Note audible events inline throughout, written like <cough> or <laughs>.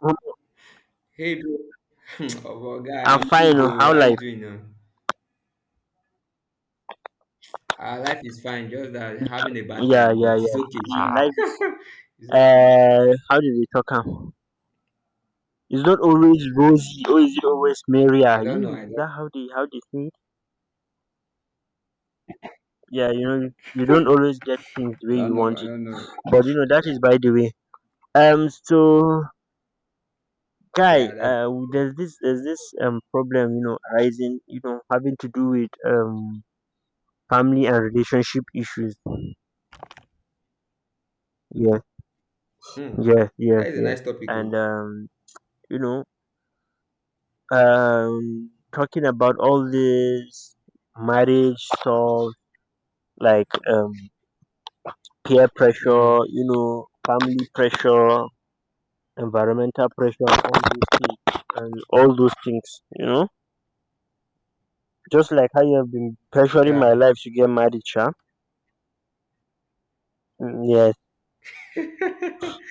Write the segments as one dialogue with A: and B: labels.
A: I'm
B: Hey, bro. <laughs> Guy,
A: I'm
B: I'm
A: fine.
B: good
A: Oh,
B: though.
A: How
B: How you
A: life?
B: doing now? Life is fine, just that having a bad
A: Yeah,
B: time,
A: yeah,
B: but
A: yeah.
B: it's okay,
A: See,
B: child.
A: life is.
B: <laughs> It's okay.
A: How do they talk? Am? It's not always rosy, or is it always merry?
B: I don't
A: You,
B: know.
A: is
B: I
A: that
B: don't.
A: how they think? Yeah, you know, you don't always get things the
B: I
A: way you
B: don't know.
A: want
B: I
A: it.
B: don't know.
A: But you know, that
B: Yeah,
A: is by the way. So guy,
B: yeah. That.
A: there's this problem, you know, arising, you know, having to do with family and relationship issues. Yeah,
B: Hmm. That is a
A: yeah.
B: nice topic. Oh.
A: And you know, um talking about all these marriage stuff like peer pressure,
B: Hmm.
A: you know, family pressure, environmental pressure, all those things, and all those things, you know, just like how you have been pressuring my
B: Yeah.
A: life to get married sha. Yeah,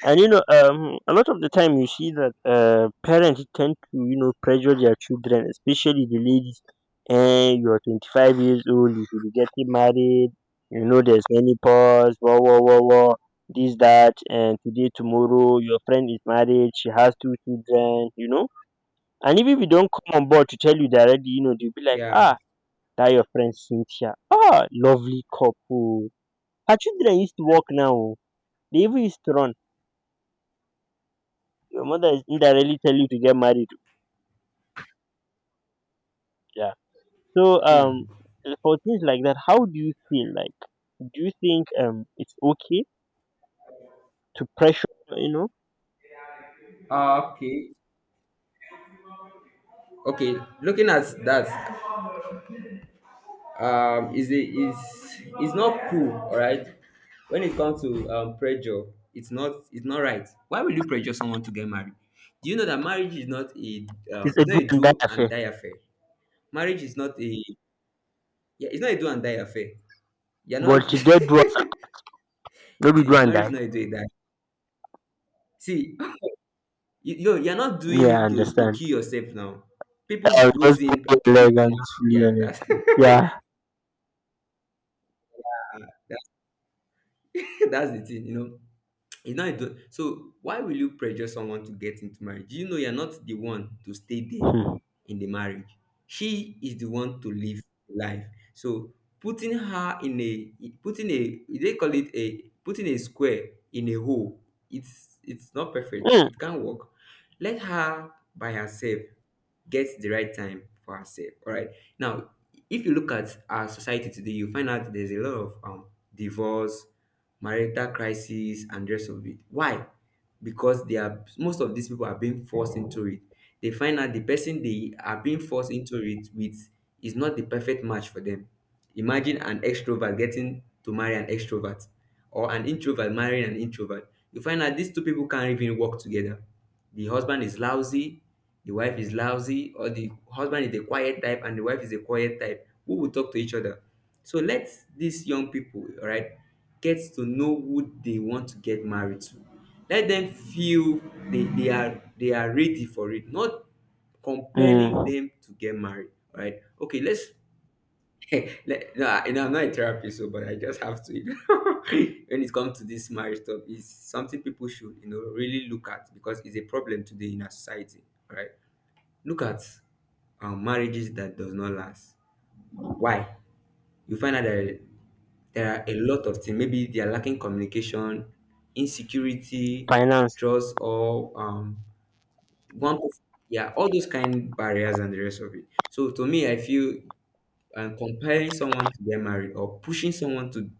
A: and you know, a lot of the time you see that parents tend to, you know, pressure their children, especially the ladies, and you're 25 years old, you should be getting married. You know, there's menopause, whoa, whoa, whoa, whoa, this that, and today tomorrow your friend is married, she has two children, you know, and if you don't come on board to tell you directly, you know, they'll be like,
B: Yeah.
A: ah, that your friend Cynthia, ah, lovely couple, her children used to walk now oh, they even used to run. Your mother is indirectly tell you to get married. Yeah. So
B: Hmm.
A: for things like that, how do you feel? Like, do you think it's okay to pressure, you know?
B: Okay. Okay. Looking at that. Is a is Is not cool, all right. When it comes to pressure, it's not, it's not right. Why will you pressure someone to get married? Do you know that marriage is not a,
A: It's a
B: it's not
A: do
B: a
A: and die
B: do and
A: affair.
B: die affair? Marriage is not a, yeah, it's not a do and die affair. You're
A: But
B: not.
A: to dead do us,
B: <laughs>
A: no be do
B: See,
A: and
B: marriage
A: die.
B: is not a do and die see, <laughs> you you're not doing
A: Yeah, I
B: it to
A: understand.
B: kill yourself now. People
A: I
B: goes
A: just pull
B: in and
A: your
B: people
A: leg
B: come
A: and
B: out.
A: just pull your
B: Yeah,
A: leg.
B: that's <laughs>
A: Yeah.
B: that's that's the thing, you know. It's not a So why will you pressure someone to get into marriage? You know, you're not the one to stay there
A: Hmm.
B: in the marriage. She is the one to live life. So putting her in a, putting a, they call it, a putting a square in a hole, it's not perfect,
A: Mm.
B: it can't work. Let her by herself get the right time for herself, all right? Now, if you look at our society today, you find out there's a lot of divorce, marital crisis, and the rest of it. Why? Because they are, most of these people are being forced into it. They find out the person they are being forced into it with is not the perfect match for them. Imagine an extrovert getting to marry an extrovert, or an introvert marrying an introvert. You find out these two people can't even work together. The husband is lousy, the wife is lousy, or the husband is the quiet type and the wife is the quiet type. Who will talk to each other? So let these young people, all right, get to know who they want to get married to. Let them feel they are ready for it, not compelling
A: Mm.
B: them to get married. All right, okay, let's <laughs> like, no, I'm not a therapist, so, but I just have to. <laughs> When it comes to this marriage stuff, it's something people should, you know, really look at, because it's a problem today in our society, right? Look at, marriages that does not last. Why? You find out that there are a lot of things. Maybe they are lacking communication, insecurity,
A: Finance.
B: trust, or one person. Yeah, all those kind barriers and the rest of it. So to me, I feel, and comparing someone to get married or pushing someone to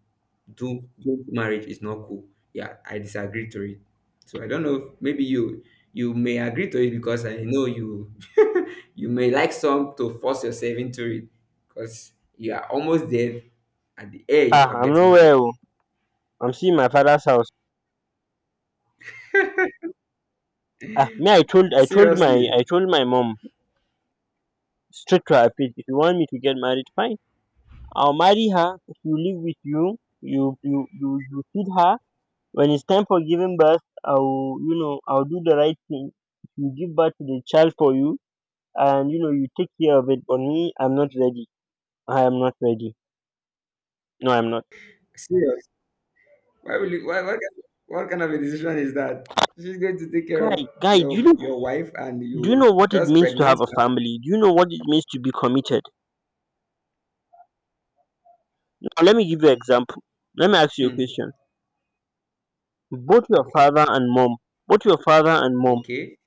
B: do marriage is not cool. Yeah, I disagree to it. So I don't know. If maybe you, you may agree to it because I know you, <laughs> you may like some to force yourself into it because you are almost there at the edge
A: Ah,
B: of
A: I'm
B: getting
A: nowhere
B: married.
A: oh. I'm seeing my father's house. Ah, me, I
B: Seriously,
A: told my mom straight to her face, if you want me to get married, fine. I will marry her, she will live with you, you feed her. When it's time for giving birth, I will, you know, I'll do the right thing. You give birth to the child for you, and you know, you take care of it, but me, I'm not ready. I am not ready. No, I'm not.
B: serious. Why will you? Why what kind of a decision is that? She's going to take care
A: guy
B: of
A: guy do you know,
B: your wife and
A: do you
B: you
A: know what it
B: just
A: means to
B: pregnant
A: have a family? Do you know what it means to be committed? Now, let me give you an example, let me ask you
B: her.
A: a
B: Hmm.
A: question. both your
B: Okay.
A: father and mom Both your father and mom
B: Okay.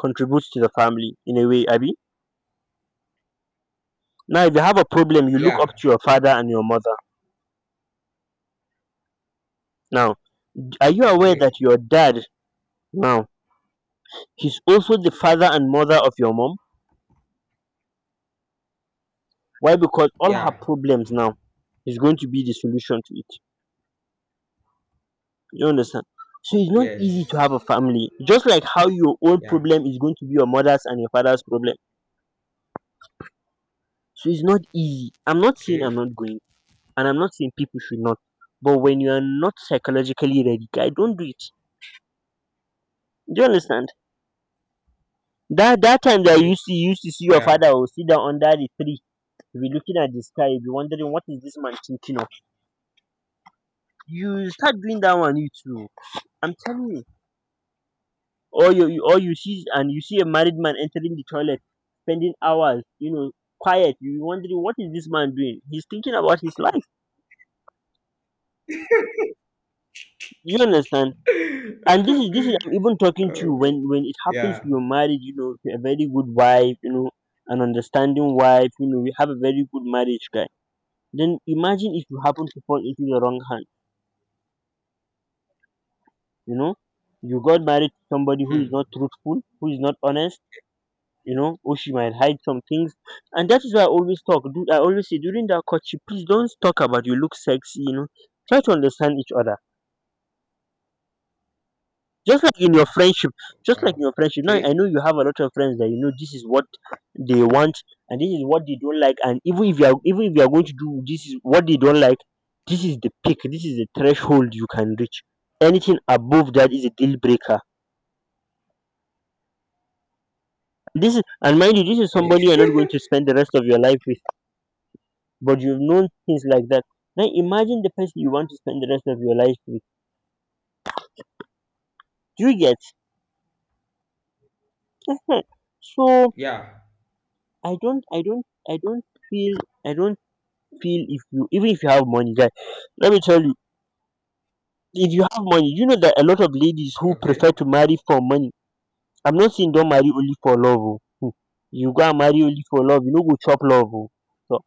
A: contributes to the family in a way, Abby? Now, if you have a problem, you look up
B: Yeah.
A: to your father and your mother. Now, are you aware that
B: Okay.
A: your dad now, he's also the father and mother of your mom? Why? Because all her
B: Yeah.
A: problems now is going to be the solution to it. You understand? So it's not
B: Yes.
A: easy to have a family. Just like how your own
B: Yeah.
A: problem is going to be your mother's and your father's problem. So it's not easy. I'm not saying I'm
B: Okay.
A: not going, and I'm not saying people should not. But when you are not psychologically ready, guy, don't do it. Do you understand? That that time that you
B: Okay.
A: used to see your
B: Yeah.
A: father will sit down under the tree, you'll be looking at the sky, you'll be wondering what is this man thinking of. You start doing that one, you too. I'm telling you. Or you see, and you see a married man entering the toilet, spending hours, you know, quiet. You're wondering what is this man doing? He's thinking about his life. You understand?
B: <laughs>
A: And this is I'm even talking to
B: Oh,
A: you
B: God.
A: when it happens to
B: Yeah.
A: your marriage, you know, to a very good wife, you know, an understanding wife, you know, you have a very good marriage, guy. Then imagine if you happen to fall into the wrong hand, you know, you got married to somebody who is
B: Hmm.
A: not truthful, who is not honest, you know, or she might hide some things. And that is why I always talk. I always say, during that courtship, please don't talk about you look sexy, you know. Try to understand each other. just like in your friendship just like in
B: Wow.
A: your friendship, now I know
B: Okay.
A: you have a lot of friends that, you know, this is what they want, and this is what they don't like. And even if you are going to do, this is what they don't like, this is the peak, this is the threshold you can reach. Anything above that is a deal breaker. This is, and mind you, this is
B: Okay.
A: somebody you're not going to spend the rest of your life with, but you've known things like that. Now imagine the person you want to spend the rest of your life with. Do you get? <laughs> So
B: Yeah.
A: I don't feel, I don't feel, if you, even if you have money, guy, let me tell you, if you have money, you know that a lot of ladies who prefer
B: Okay.
A: to marry for money. I'm not saying don't marry only for love oh. You go and marry only for love, you no go chop love oh. So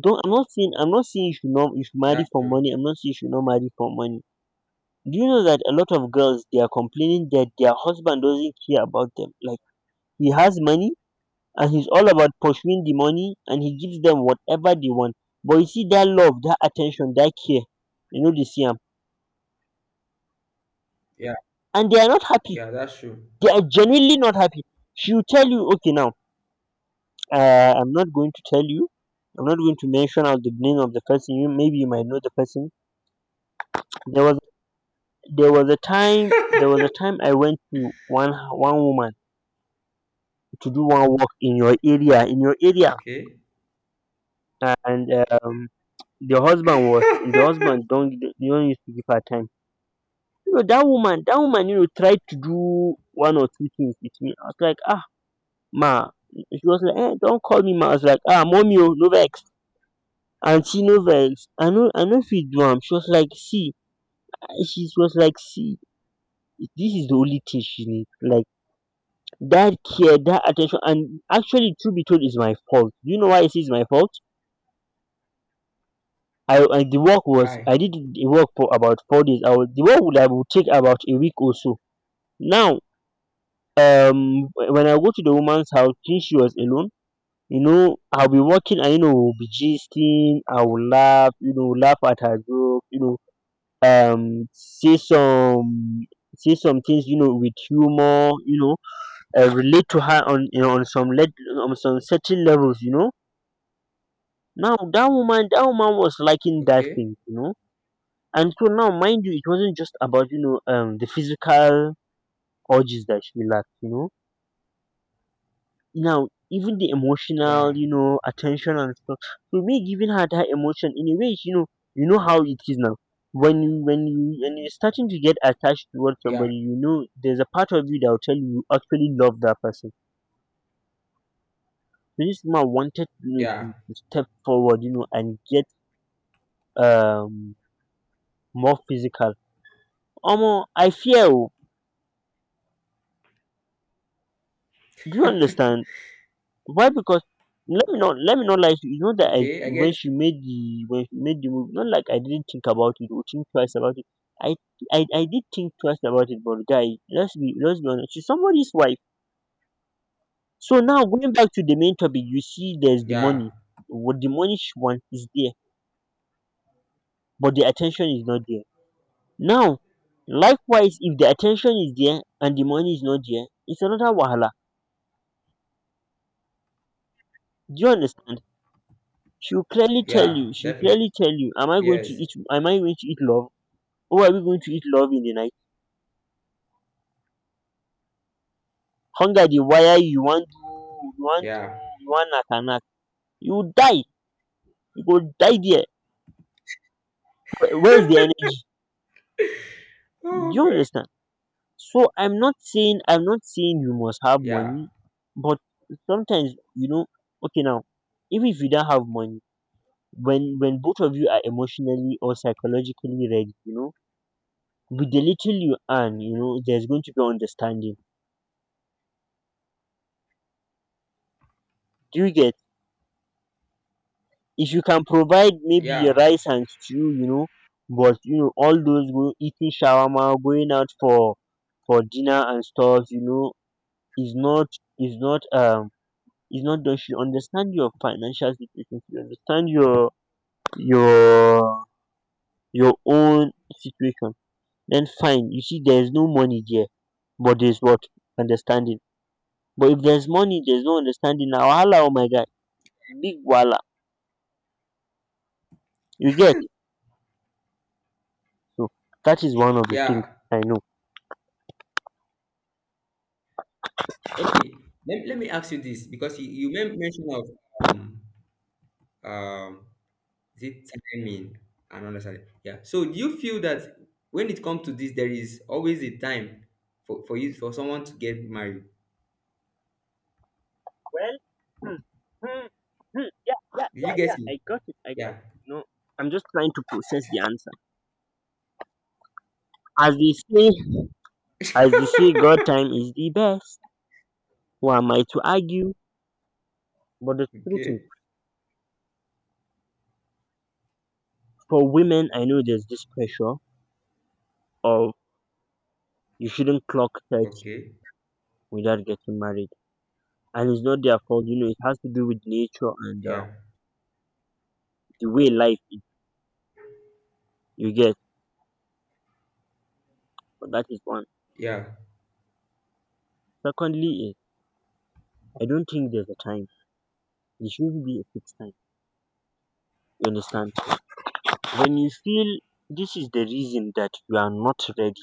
A: don't, I'm not saying you should not, you should marry
B: That's
A: for
B: true.
A: money. I'm not saying you should not marry for money. Do you know that a lot of girls, they are complaining that their husband doesn't care about them? Like, he has money, and he's all about pursuing the money, and he gives them whatever they want. But you see that love, that attention, that care, you know, they see am.
B: Yeah.
A: And they are not happy.
B: Yeah. That's true.
A: They are genuinely not happy. She will tell you, okay, now, I'm not going to tell you. I'm not going to mention out the name of the person. You maybe you might know the person. There was, there was a time I went to one woman to do one work in your area,
B: Okay.
A: and um, the husband was, the
B: <laughs>
A: husband don't used to give her time. You know that woman, you know, tried to do one or two things with me. I was like, ah, ma. She was like, eh, don't call me ma. I was like, ah, mommy oh, no vex, aunty no vex, I know, if fit do am. She was like, see, she was like, see, this is the only thing she need, like that care, that attention. And actually, true be told, is my fault. Do you know why it's my fault? I
B: Why?
A: did the work for about 4 days. I was the work would I would take about a week or so. Now when I go to the woman's house, since she was alone, you know, I'll be walking, and you know, we'll be gisting. I will laugh, you know, laugh at her joke, you know, um say some say some things, you know, with humor, you know, relate to her on, you know, on some, let on some certain levels, you know. Now that woman, was liking that
B: Okay.
A: thing, you know. And so now, mind you, it wasn't just about, you know, the physical urges that she lacked, you know. Now even the emotional,
B: Yeah.
A: you know, attention and stuff. So me giving her that emotion in a way is, you know, you know how it is. Now when you're starting to get attached towards
B: Yeah.
A: somebody, you know there's a part of you that will tell you you actually love that person. So this man wanted, you know,
B: Yeah.
A: to step forward, you know, and get um more physical. I fear oh, do you understand? Why? Because let me not lie to you. You know that I,
B: Okay. I get it.
A: when she made the movie, not like I didn't think about it or think twice about it. I I did think twice about it, but guy, let's be honest. She's somebody's wife. So now, going back to the main topic, you see, there's the money.
B: Yeah.
A: What the money she wants is there, but the attention is not there. Now, likewise, if the attention is there and the money is not there, it's another wahala. Do you understand? She'll clearly tell
B: Yeah.
A: you. She'll
B: Definitely.
A: clearly tell you. Am I going to
B: Yes.
A: eat? Am I going to eat love? Who are we going to eat love in the night? Hunger dey wire you, you wan do,
B: Yeah.
A: you wan knack and knack. You will die, you go die there. Where is the energy? Do
B: Oh,
A: you
B: God.
A: understand? So I'm not saying you must have
B: Yeah.
A: money, but sometimes you know, okay, now, even if you don't have money, when both of you are emotionally or psychologically ready, you know, with the little you earn, there's going to be understanding. Do you get? If you can provide maybe
B: Yeah.
A: rice and stew, you know, but you know all those go eating shawarma, going out for dinner and stuff, you know, is not is not is not done. Should understand your financial situation, should understand your your your own situation, then fine. You see, there's no money there, but there's what? Understanding. But if there's money, there's no understanding, na wahala, oh my guy, big wahala. You get? So that is one of the things
B: Yeah.
A: I know.
B: Okay. Let me ask you this, because you mentioned of, um um is it timing? I don't understand. Yeah. So do you feel that when it comes to this, there is always a time for you, for someone to get married?
A: Well, hmm, hmm, yeah, yeah,
B: Did
A: yeah,
B: you
A: yeah.
B: get me?
A: I got it. I got
B: Yeah.
A: it. No, I'm just trying to process the answer. As they say, as they say, God time is the best. Who am I to argue? But the truth is,
B: Okay.
A: for women, I know there's this pressure of you shouldn't clock 30
B: Okay.
A: without getting married, and it's not their fault. You know, it has to do with nature and
B: Yeah.
A: the way life is. You get, but that is one.
B: Yeah.
A: Secondly, is I don't think there's a time. There should not be a fixed time. You understand?
B: Okay.
A: When you feel this is the reason that you are not ready,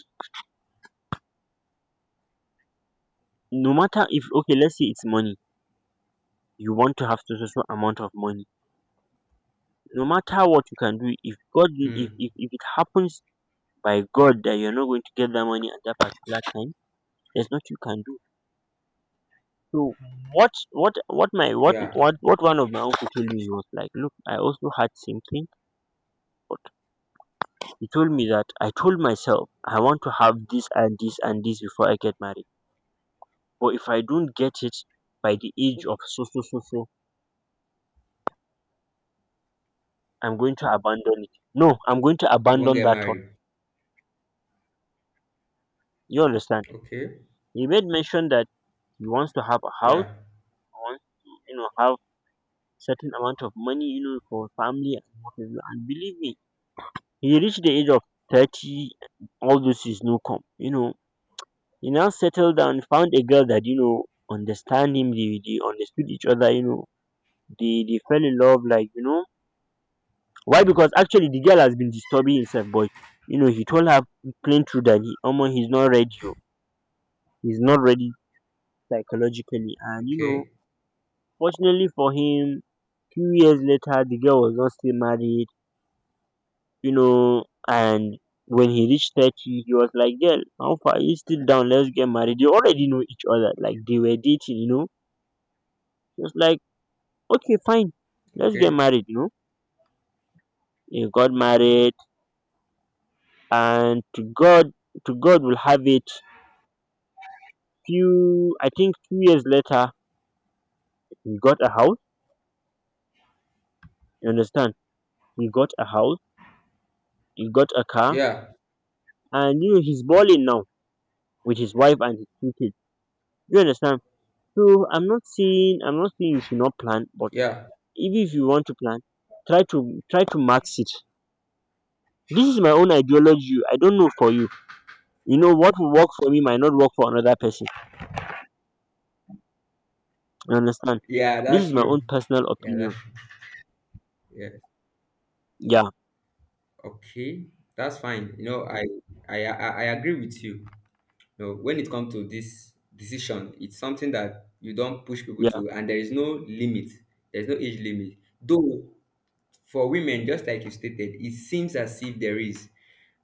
A: no matter. If okay, let's say it's money, you want to have so so so amount of money. No matter what you can do, if god, if,
B: Mm.
A: if if it happens by god that you're not going to get that money at that particular time, there's not you can do. So what what what my what
B: Yeah.
A: what what one of my uncle told me was like, look, I also had same thing, but he told me that I told myself I want to have this and this and this before I get married, but if I don't get it by the age of so so so so, I'm going to abandon it no I'm going to
B: You won't
A: abandon
B: get
A: that thought.
B: married.
A: You understand?
B: Okay.
A: He made mention that he wants to have a house,
B: Yeah.
A: he wants to, you know, have certain amount of money, you know, for family and what have you. And believe me, he reached the age of 30, all this is no come, you know. He now settled down, found a girl that, you know, understand him. They understood each other, you know. They fell in love, like, you know. Why? Because actually the girl has been disturbing himself, but you know, he told her plain truth that he, omo, he's not ready, oh, he's not ready psychologically, and you know,
B: Okay.
A: fortunately for him, few years later the girl was not still married, you know. And when he reached 30, he was like, girl, how far, are you still down? Let's get married. They already know each other, like they were dating, you know. She was like, okay, fine, let's get
B: Okay.
A: married, you know. He got married, and to god, to god will have it, few I think few years later he got a house. You understand? He got a house, he got a car,
B: Yeah.
A: and you know, he's balling now with his wife and his two kids. You understand? So I'm not saying you should not plan, but
B: Yeah.
A: even if you want to plan, try to max it. This is my own ideology, I don't know for you. You know, what will work for me might not work for another person. You understand?
B: Yeah,
A: This
B: that's
A: is my own
B: true.
A: personal
B: Yeah,
A: opinion.
B: that's true. Yeah.
A: Yeah.
B: Okay. That's fine. You know, I agree with you. You know, when it comes to this decision, it's something that you don't push people
A: Yeah.
B: to, and there is no limit. There's no age limit. Though for women, just like you stated, it seems as if there is,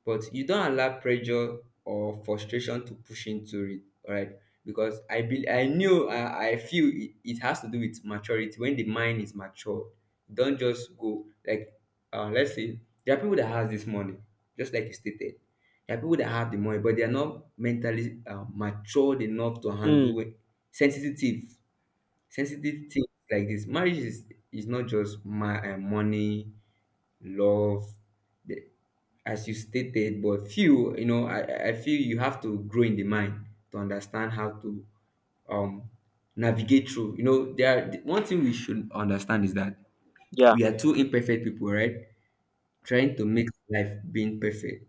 B: but you don't allow pressure or frustration to push into it, right? Because I be I knew I feel it, it has to do with maturity. When the mind is mature, don't just go like, let's say there are people that has this money, just like you stated. There are people that have the money but they are not mentally matured enough to
A: mm,
B: handle sensitive sensitive things like this. Marriage is not just my money, love, the as you stated. But few, you know, I feel you have to grow in the mind to understand how to um navigate through. You know, there are, one thing we should understand, is that
A: yeah.
B: we are two imperfect people, right, trying to make life being perfect.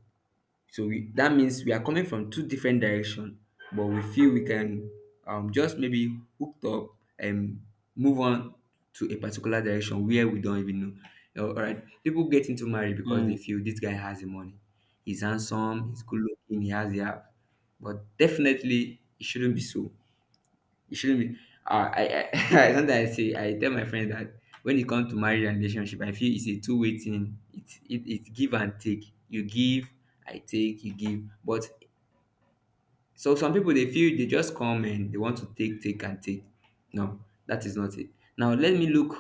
B: So we, that means we are coming from two different direction, but we feel we can just maybe hooked up and move on to a particular direction where we don't even know. You know, all right, people get into marriage because they
A: mm,
B: feel this guy has the money, he's handsome, he's good looking, he has the app, but definitely it shouldn't be so. It shouldn't be. I <laughs> sometimes I say, I tell my friends that when it comes to marriage and relationship, I feel it's a two-way thing. It's give and take. You give, I take. You give, but so some people they feel they just come and they want to take, take, and take. No, that is not it. Now let me look.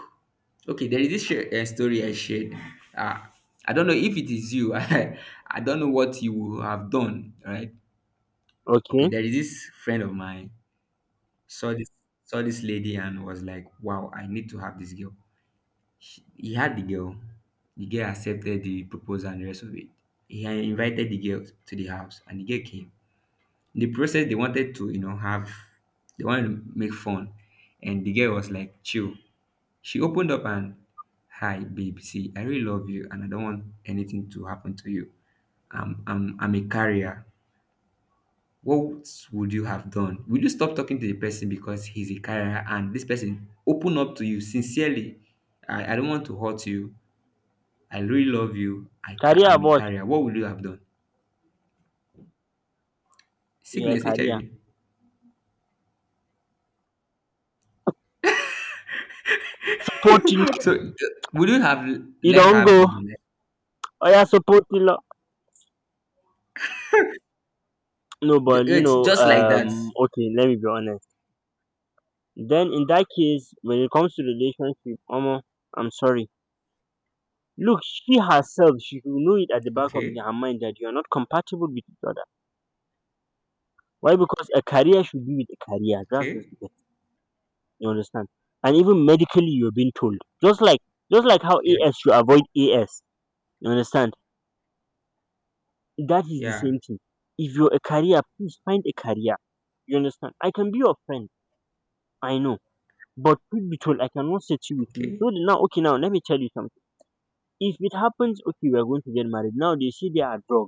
B: Okay, there is this story I shared. Uh, I don't know if it is you. <laughs> I don't know what you would have done, right? Okay,
A: okay.
B: there is this friend of mine saw this, lady and was like, wow, I need to have this girl. He had the girl. The girl accepted the proposal and the rest of it. He had invited the girl to the house and the girl came. In the process, they wanted to, you know, have, they wanted to make fun. And the girl was like, chill. She opened up and, hi babe, see, I really love you and I don't want anything to happen to you. I'm a carrier. What would you have done? Would you stop talking to the person because he's a carrier and this person open up to you sincerely? I don't want to hurt you. I really love you.
A: Career
B: I'm a
A: about?
B: carrier. What would you have done?
A: Yeah,
B: Sickness,
A: career.
B: HIV.
A: Support.
B: <laughs> So would you have
A: You
B: let
A: don't
B: her be?
A: go,
B: Like,
A: oya support the law. No, but you
B: it's
A: know,
B: just like that.
A: okay, let me be honest. Then in that case, when it comes to relationship, omo, I'm sorry. Look, she herself, she should know it at the back of
B: Okay.
A: her mind that you're not compatible with each other. Why? Because a career should be with a career. That's just
B: Okay.
A: it. You understand? And even medically you're being told, just like just like how,
B: Yeah.
A: as you avoid, as you understand, that is the
B: Yeah.
A: same thing. If you're a career, please find a career. You understand? I can be your friend, I know. But truth be told, I cannot say it with you. So
B: Okay.
A: the- now, okay, now let me tell you something. If it happens, okay, we are going to get married. Now they see they are drug.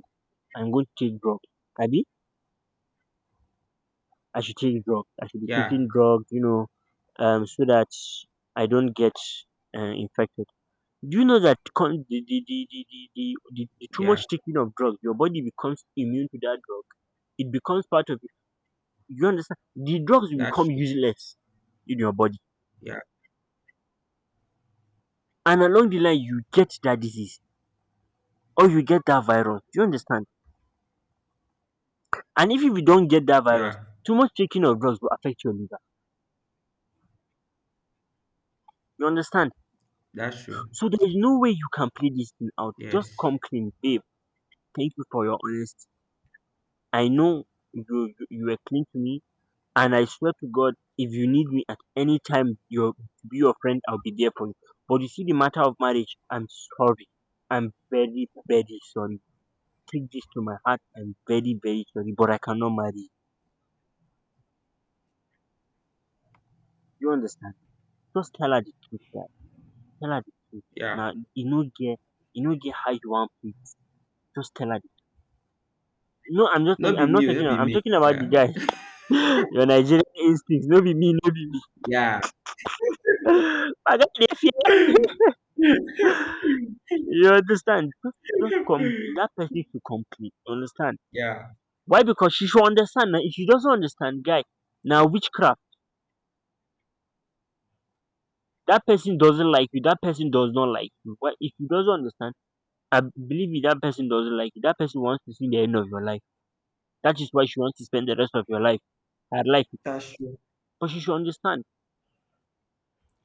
A: I'm going to take drugs. Abi, I should take drugs. I should be
B: Yeah.
A: taking drugs, you know, so that I don't get infected. Do you know that the too
B: Yeah.
A: much taking of drugs, your body becomes immune to that drug. It becomes part of it. You understand? The drugs will
B: That's
A: become
B: true.
A: useless in your body,
B: Yeah.
A: and along the line, you get that disease, or you get that virus. Do you understand? And if you don't get that virus,
B: Yeah.
A: too much taking of drugs will affect your liver. You understand?
B: That's true.
A: So there is no way you can play this thing out. Just
B: Yes.
A: come clean, babe, thank you for your honesty, I know. You were clean to me, and I swear to god, if you need me at any time, you to be your friend, I'll be there for you. But you see, the matter of marriage, I'm sorry, I'm very very sorry, take this to my heart, I'm very very sorry, but I cannot marry you. You understand? Just tell her the truth. Tell her the truth.
B: Yeah.
A: Now, you no get, you no get how you want pay. Just tell her the truth. No,
B: Not be
A: I'm not
B: me. Oh,
A: talking
B: Not
A: about,
B: be
A: I'm
B: me.
A: talking about the
B: Yeah.
A: guy.
B: <laughs>
A: <laughs> Your Nigerian instincts. No be me, no be me.
B: Yeah.
A: <laughs> My guy dey fear. <laughs>
B: <laughs> <laughs>
A: You understand. Just come. That person should complete. You understand.
B: Yeah.
A: Why? Because she should understand. Now, if she doesn't understand, guy, now, witchcraft. That person doesn't like you, that person does not like you. Why? If she doesn't understand, I believe me, dat person doesn't like you. Dat person wants to see the end of your life. That is why she wants to spend the rest of your life. I like it,
B: That's true.
A: but she should understand.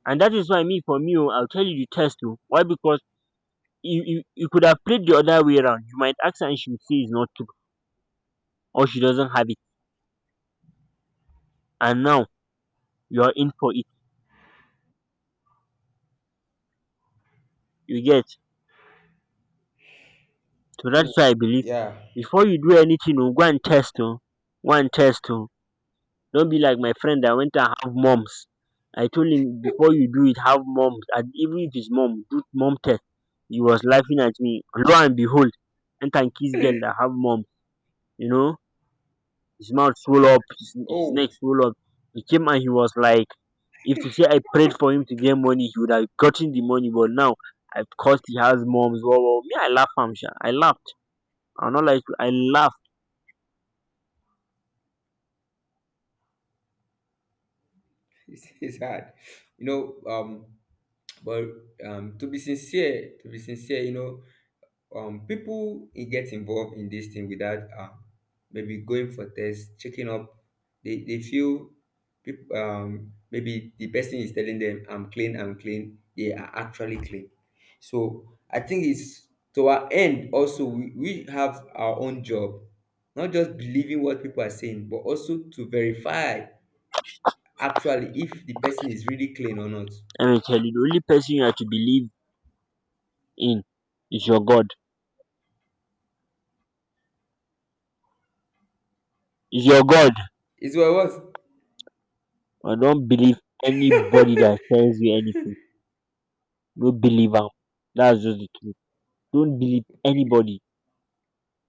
A: And that is why me, for me, oh, I'll tell you the test. Oh. Why? Because you could have played the other way around. You might ask her and she would say it's not true, or she doesn't have it. And now you are in for it. You get. So
B: Hmm.
A: that's why I believe,
B: Yeah.
A: before you do anything, oh, go and test. Oh. Go and test. Oh. Don't be like my friend that went and have moms. I told him before you do it, have moms, and even if it's mom, do mom test. He was laughing at me. Lo and behold, and can kiss girl that have mom. You know. His mouth swelled up, his neck
B: Oh,
A: swelled up. He came and he was like, if to say I prayed for him to get money, he would have gotten the money. But now, of course, he has moms, well, well, me, I laugh, am sure, I laughed. I'm not like I laughed.
B: <laughs> it's hard. You know, um, but to be sincere, you know, people e get involved in this thing without maybe going for tests, checking up. They feel people, maybe the person is telling them, I'm clean, I'm clean, they are actually clean. So I think it's, to our end also, we have our own job, not just believing what people are saying but also to verify actually if the person is really clean or not.
A: I tell you, the only person you have to believe in is your God. Is your God.
B: Is well what.
A: I don't believe anybody that tells you anything. No believe am. That's just the truth. Don't believe anybody.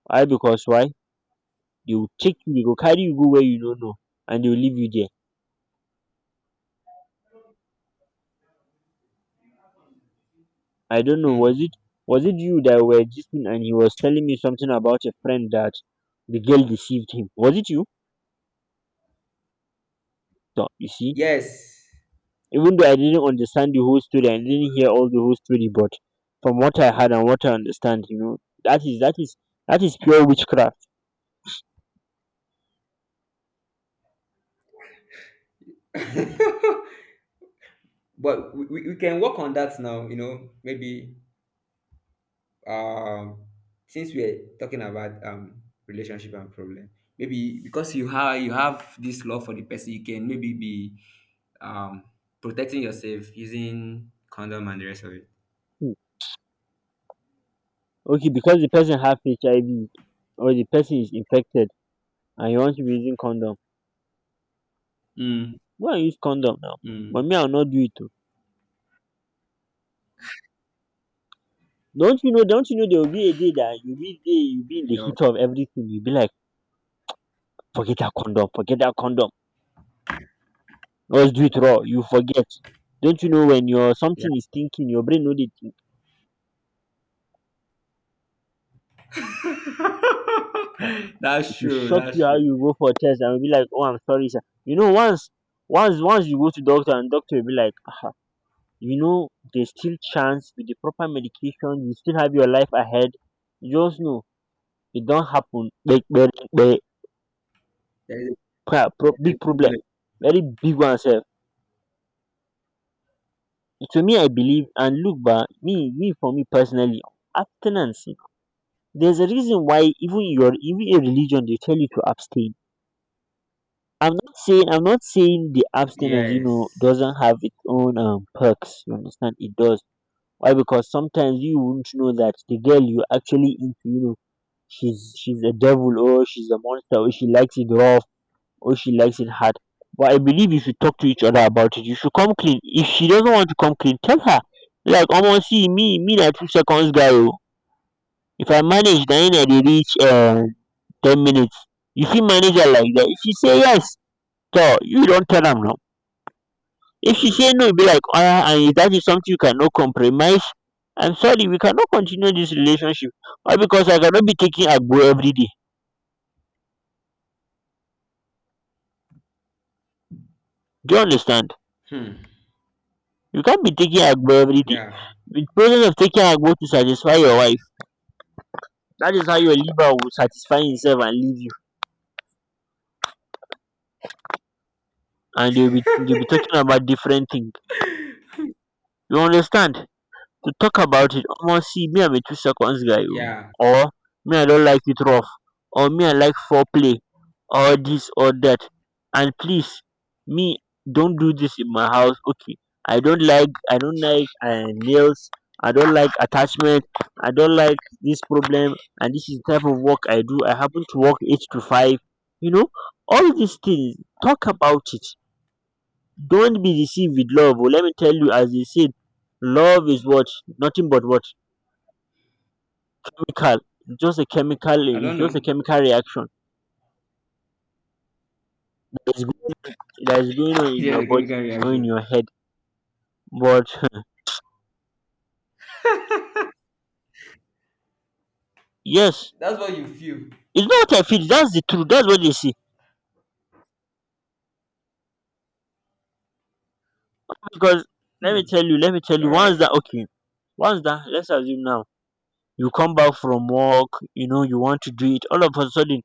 A: Why? Because why? They will take you. They go carry you go where you don't know, and they will leave you there. I don't know,
B: Hmm.
A: was it you that were gisting and he was telling me something about a friend that the girl deceived him? Was it you? So you see,
B: Yes.
A: even though I didn't understand the whole story, I didn't hear all the whole story, but from what I had and what I understand, you know, that is that is pure witchcraft.
B: <laughs> But we can work on that now. You know, maybe um since we're talking about relationship and problem, maybe because you have, you have this love for the person, you can maybe be um protecting yourself using condom and the rest of it.
A: Hmm. Okay, because the person have HIV, or the person is infected and you want to be using condom.
B: Mm,
A: Go and use condom now. But
B: mm,
A: me, I'll not do it. Oh. Don't you know? Don't you know there will be a day that you'll be there, you'll be in the
B: you know,
A: heat of everything. You'll be like, forget that condom, forget that condom. Let's do it raw. You forget. Don't you know when your
B: yeah.
A: something is thinking, your brain know dey think. um
B: <laughs>
A: It
B: That's
A: will
B: true,
A: shock you
B: that's
A: how you
B: true.
A: go for a test and you be like, oh, I'm sorry, sir. You know, once you go to doctor and doctor will be like, ah, you know, there's still chance with the proper medication, you still have your life ahead. You just know it don't happen. Big,
B: There is a,
A: pro- pro-
B: there's
A: big
B: a
A: problem,
B: problem.
A: very big one, sir. To me, I believe and look, but me, me for me personally, abstinence, there's a reason why even in religion they tell you to abstain. I'm not saying the abstinence, you know, doesn't
B: Yes.
A: have its own perks, you understand? It does. Why? Because sometimes you won't know that the girl you actually into, you know, she's a devil or she's a monster, or she likes it rough or she likes it hard. But I believe you should talk to each other about it. You should come clean. If she doesn't want to come clean, tell her. Like, almost see me, that 2 seconds guy, oh, if I manage na him I dey reach 10 minutes. If see manager like that, if she say yes, so you don't tell them now. If she say no, you be like oya, and if that is something you cannot compromise, I'm sorry, we cannot continue this relationship. All because I cannot be taking agbo everyday. Do you understand?
B: Hmm.
A: You can't be taking agbo everyday.
B: Yeah.
A: The process of taking agbo to satisfy your wife, that is how your liver will satisfy himself and leave you. And they will be talking about different thing. You understand? To talk about it, omo, see me, I'm a 2 seconds guy o.
B: Yeah.
A: Or me, I don't like it rough, or me, I like foreplay, or this or that. And please, me, don't do this in my house, okay? I don't like nails. I don't like attachment. I don't like this problem. And this is the type of work I do. I happen to work 8 to 5, you know, all these things. Talk about it. Don't be deceived with love oh. Let me tell you, as they said, love is what? Nothing but what? Chemical. Just a chemical.
B: I
A: It's
B: don't
A: just a
B: know.
A: chemical reaction that is, go- that is going on
B: <laughs>
A: in
B: Just
A: your
B: a
A: body
B: chemical
A: or in
B: reaction.
A: your head. But <laughs> yes,
B: That's what you feel.
A: it's not what I feel. That's the truth. That's what they see. Because let me
B: Hmm.
A: tell you, let me tell you.
B: All
A: Once
B: right.
A: that okay, once that Let's assume now you come back from work. You know you want to do it. All of a sudden,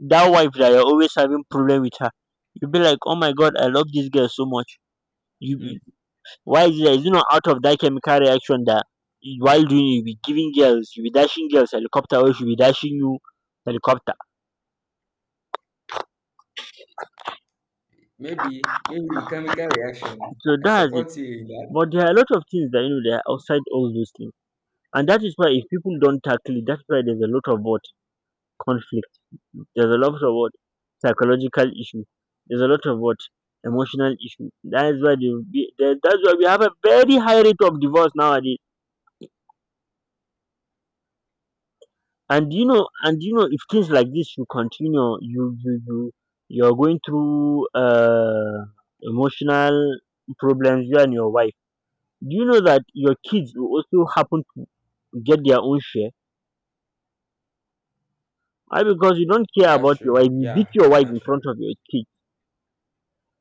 A: that wife that you're always having problem with her, you'll be like, oh my god, I love this girl so much.
B: Hmm.
A: You— why is it, that is it not out of that chemical reaction that while doing it, you'll be giving girls, you'll be dashing girls helicopter, or she'll be dashing you helicopter.
B: Maybe maybe the chemical reaction.
A: So
B: I
A: that's it.
B: support you in that.
A: But there are a lot of things that, you know, they are outside all those things. And that is why, if people don't tackle it, that's why there's a lot of what? Conflict. There's a lot of what? Psychological issue. There's a lot of what? Emotional issue. That is why they, will be- that- that's why we have a very high rate of divorce nowadays. And you know, if things like this you continue, you you're going through emotional problems, you and your wife, do you know that your kids will also happen to get their own share? Why? Because you don't care about
B: That's
A: your wife,
B: true.
A: you
B: Yeah,
A: beat your wife in
B: that's
A: front
B: true.
A: of your kids.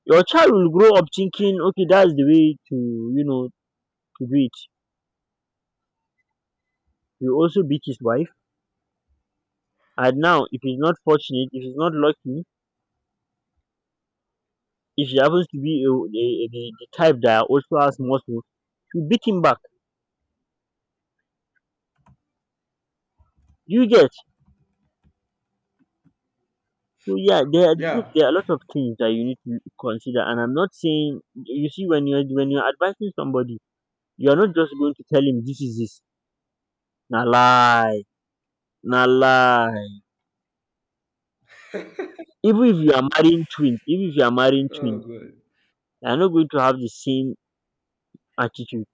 A: Your child will grow up thinking, okay, that's the way to, you know, to do it. He will also beat his wife. And now if he's not fortunate, if he's not lucky, if he happens to be a, the type that also has muscles, you beat him back. You get? So yeah, there are— look,
B: Yeah.
A: there are a lot of things that you need to consider. And I'm not saying, you see, when you're advising somebody, you're not just going to tell him this is this. Na lie, na lie. Even if you are marrying twins,
B: Oh, good.
A: they're not going to have the same attitude.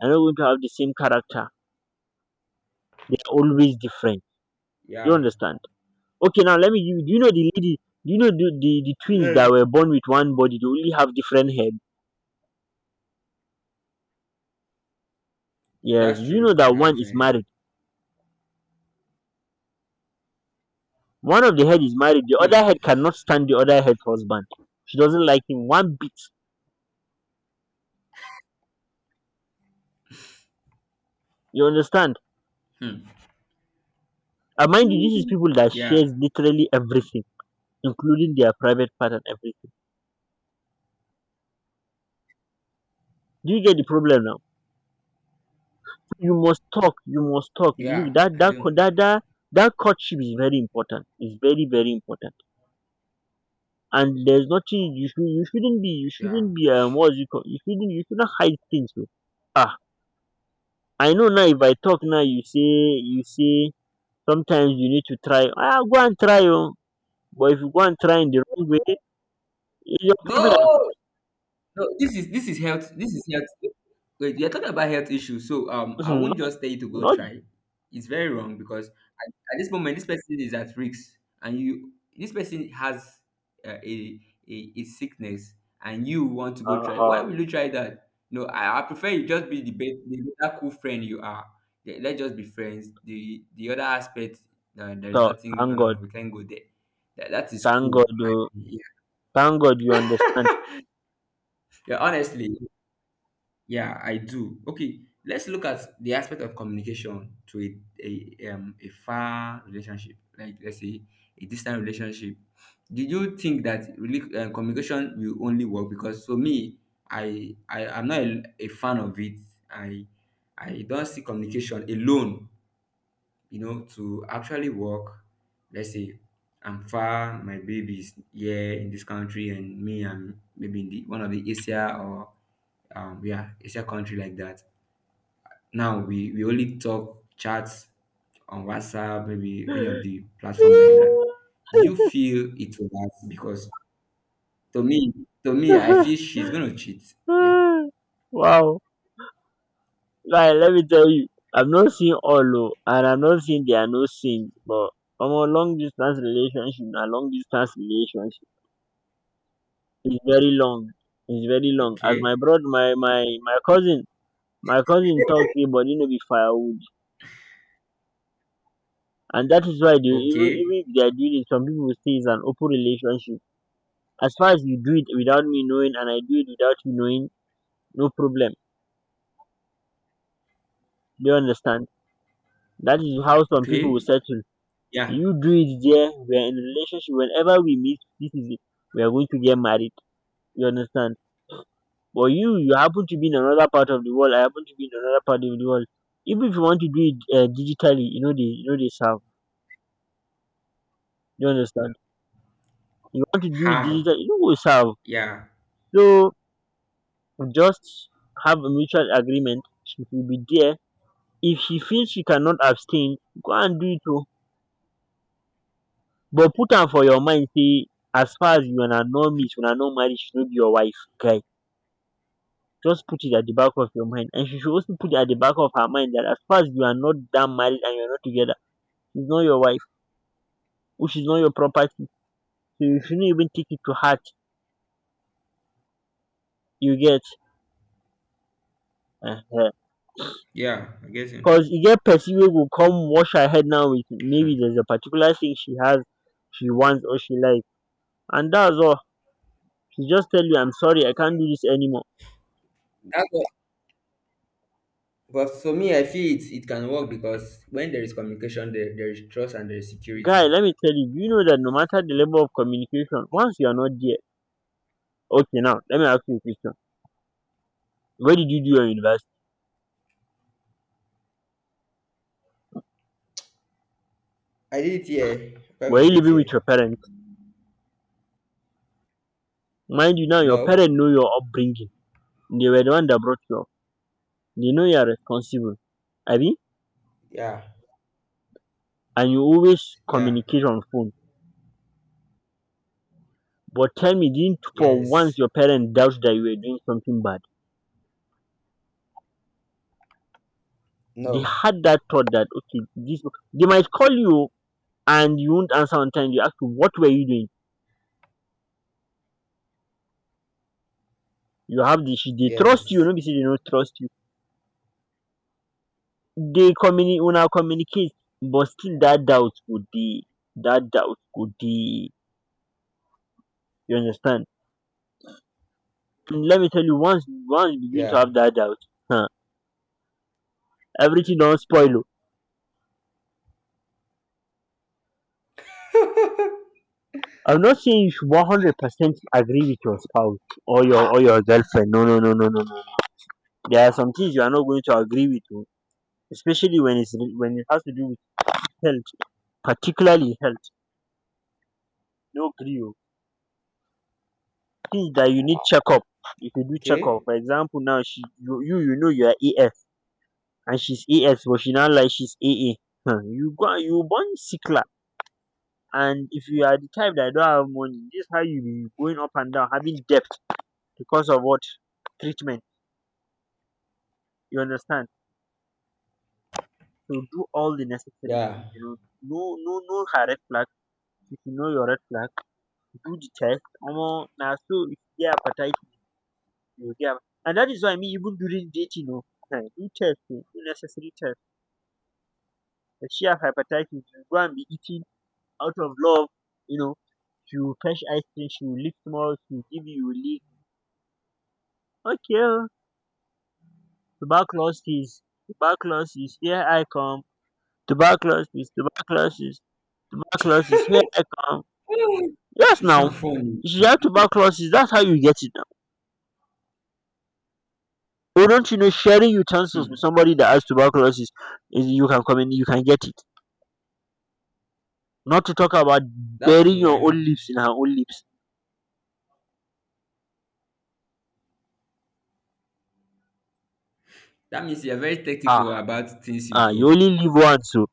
A: They're not going to have the same character. They're always different. You
B: Yeah.
A: understand? Okay, now let me give you— do you know the lady, do you know the twins
B: Yes,
A: that were born with one body, they only have different head? Yes. Do
B: that's
A: you know
B: true. They
A: that
B: have
A: one is
B: different head.
A: married? One of the head is married, the other
B: Hmm.
A: head cannot stand the other head's husband. She doesn't like him one bit. You understand?
B: Hmm.
A: And mind you, this is people that
B: Yeah.
A: shares literally everything, including their private part and everything. Do you get the problem now? You must talk. You must talk.
B: Yeah,
A: Look, that
B: I
A: that co-
B: do.
A: that that, that courtship is very important. It's very very important. And there's nothing you should— you shouldn't be you
B: Yeah.
A: shouldn't be um what's it called? You shouldn't hide things, bro. Ah, I know now. If I talk now, you say, sometimes you need to try, ah, go and try oh. But if you go and try in the wrong way, it's your
B: No,
A: problem.
B: no. This is, this is health. This is health. Wait, you're talking about health issues, so
A: <laughs>
B: I won't
A: Not,
B: just tell you to go
A: not
B: try. It's very wrong because at this moment this person is at risk and you this person has uh, a, a sickness and you want to go try. Why
A: um
B: will you try that? No, I prefer you just be the better cool friend you are. Let's just be friends. The other aspect, no, there is
A: to
B: nothing. no
A: thank
B: no
A: god.
B: no we can't go there. That, that is
A: Thank
B: cool,
A: god
B: but
A: oh. Thank god, you understand.
B: yeah,
A: <laughs>
B: <laughs> yeah, honestly, yeah, I do. Okay, let's look at the aspect of communication to a far relationship, like let's say a distant relationship. Did you think that really communication will only work? Because for me, I am not a fan of it. I don't see communication alone, you know, to actually work. Let's say I'm far, my baby is here in this country, and me, I'm maybe in the one of the Asia, or um, yeah, it's a country like that. Now we only talk chats on WhatsApp, maybe any of the platform like that. Did you feel it was because, to me, to me, I feel she's gonna cheat? Yeah.
A: Wow. Guy, let me tell you, I've not seen all oh, and I'm not saying there are no sins, but from a long distance relationship, is very long. It's very long. As my
B: Okay.
A: brother, my cousin, talk say body no be firewood. And that is why dey, even
B: Okay.
A: if their deal is, some people say is an open relationship, as far as you do it without me knowing and I do it without you knowing, no problem. Do you understand? That is how some people
B: Okay.
A: will settle.
B: Yeah.
A: You do it there, we are in a relationship, whenever we meet this is it, we are going to get married. You understand? But you happen to be in another part of the world, I happen to be in another part of the world. Even if you want to do it digitally, you know they, you know they serve. You understand? You want to do it
B: How?
A: digital, you know, go serve.
B: Yeah.
A: So just have a mutual agreement. She will be there. If she feels she cannot abstain, go and do it o. But put am for your mind. Say as far as you una no meet, una no marry, she no be your wife. Guy, just put it at the back of your mind, and she should also put it at the back of her mind, that as far as you are not damn married and you are not together, she's not your wife, which is not your property. So you shouldn't even take it to heart. You get? Ehen.
B: Yeah, I guess.
A: Cos e get person wey go come wash her head now, with maybe
B: Hmm.
A: there's a particular thing she has, she wants or she likes, and that's all. She just tell you, I'm sorry, I can't do this anymore.
B: That's what- but for me I feel it it can work, because when there is communication there, there is trust and there is
A: Guy,
B: security.
A: let me tell you, do you know that no matter the level of communication, once you're not there— okay, now let me ask you a question. Where did you do your university?
B: I did it here. Why am I
A: Were you
B: state
A: living with
B: here?
A: your parents? Mind you now, your parents know
B: No.
A: your upbringing. They were the one that brought you up. They know you are responsible, abi?
B: Yeah.
A: And you always
B: Yeah.
A: communicate on phone. But tell me, didn't for once
B: Yes.
A: your parents doubt that you were doing something bad? They
B: No.
A: had that thought that okay, this— they might call you and you won't answer on time. They ask you what were you doing. You have the issue. They trust you,
B: Yes.
A: no be say they don't trust you. They communi- una communicate, but still that doubt would be— that doubt would be you understand. And let me tell you, once you begin to
B: Yeah.
A: have that doubt, huh, everything don't spoil oh. I'm not saying you should 100% agree with your spouse or your girlfriend. No, no, no, no, no. There are some things you are not going to agree with, oh, especially when when it has to do with health, particularly health. No agree, oh. Things that you need checkup, if you should do checkup.
B: Okay.
A: For example, now she— you know you are AF and she's AS, but she now like she's AA. Huh? You go you born sickler, and if you are the type that don't have money, this how you be going up and down, having debt because of what? Treatment. You understand? So do all the necessary things.
B: Yeah.
A: You know, no her red flag. If you know your red flag, do the test, omo na so. If you get hepatitis, you get am. And that is why me, even during dating o, do test o, do necessary test. If she have hepatitis you go and be eating out of love, you know, she will fetch ice cream, she will lick small, she will give you, you will lick. Okay o, tuberculosis, tuberculosis here I come, tuberculosis, tuberculosis, tuberculosis here I come.
B: <laughs>
A: Yes
B: You
A: now,
B: sound funny.
A: if you have tuberculosis, that's how you get it. Oh, don't you know sharing utensils with
B: Hmm.
A: somebody that has tuberculosis is— you can come in, you can get it. Not to talk about
B: That's
A: burying
B: true.
A: your
B: I know.
A: own lips in her own lips.
B: That means you're very
A: Ah,
B: tactical about things you
A: ah, you
B: do.
A: only live once, so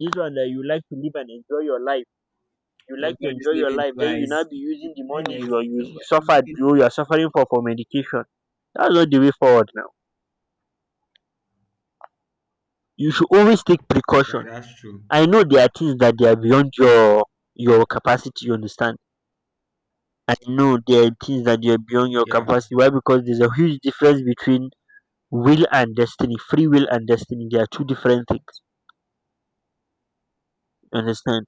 A: this one that you like to live and enjoy your life. You like to
B: Nobody's
A: enjoy your
B: living
A: life, then you now
B: twice.
A: be using the money you
B: Kindness,
A: are you, you suffered,
B: nobody-
A: you are suffering for medication. That's not the way forward now. You should always take precaution.
B: Yeah, that's true.
A: I know there are things that they are beyond your capacity. You understand. I know there are things that you're beyond your
B: Yeah.
A: capacity. Why? Because there's a huge difference between will and destiny. Free will and destiny. They are two different things. You understand?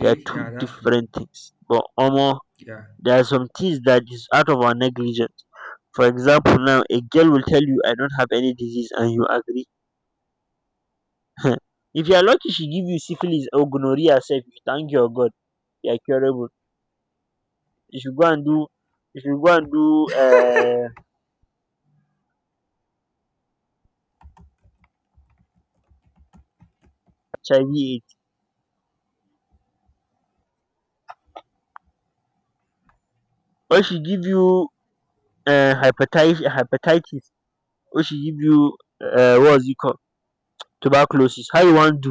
A: They are
B: Yeah,
A: two
B: that's true.
A: different things. But almost
B: Yeah.
A: there are some things that is out of our negligence. For example, now a girl will tell you, "I don't have any disease," and you agree. <laughs> If you are lucky, she give you syphilis or gonorrhea. Self, you thank your God. You are curable. You should go and do. You should go and do uh, HIV/AIDS. Or she give you hepatitis. Or she give you what was it called, tuberculosis, how you wan do?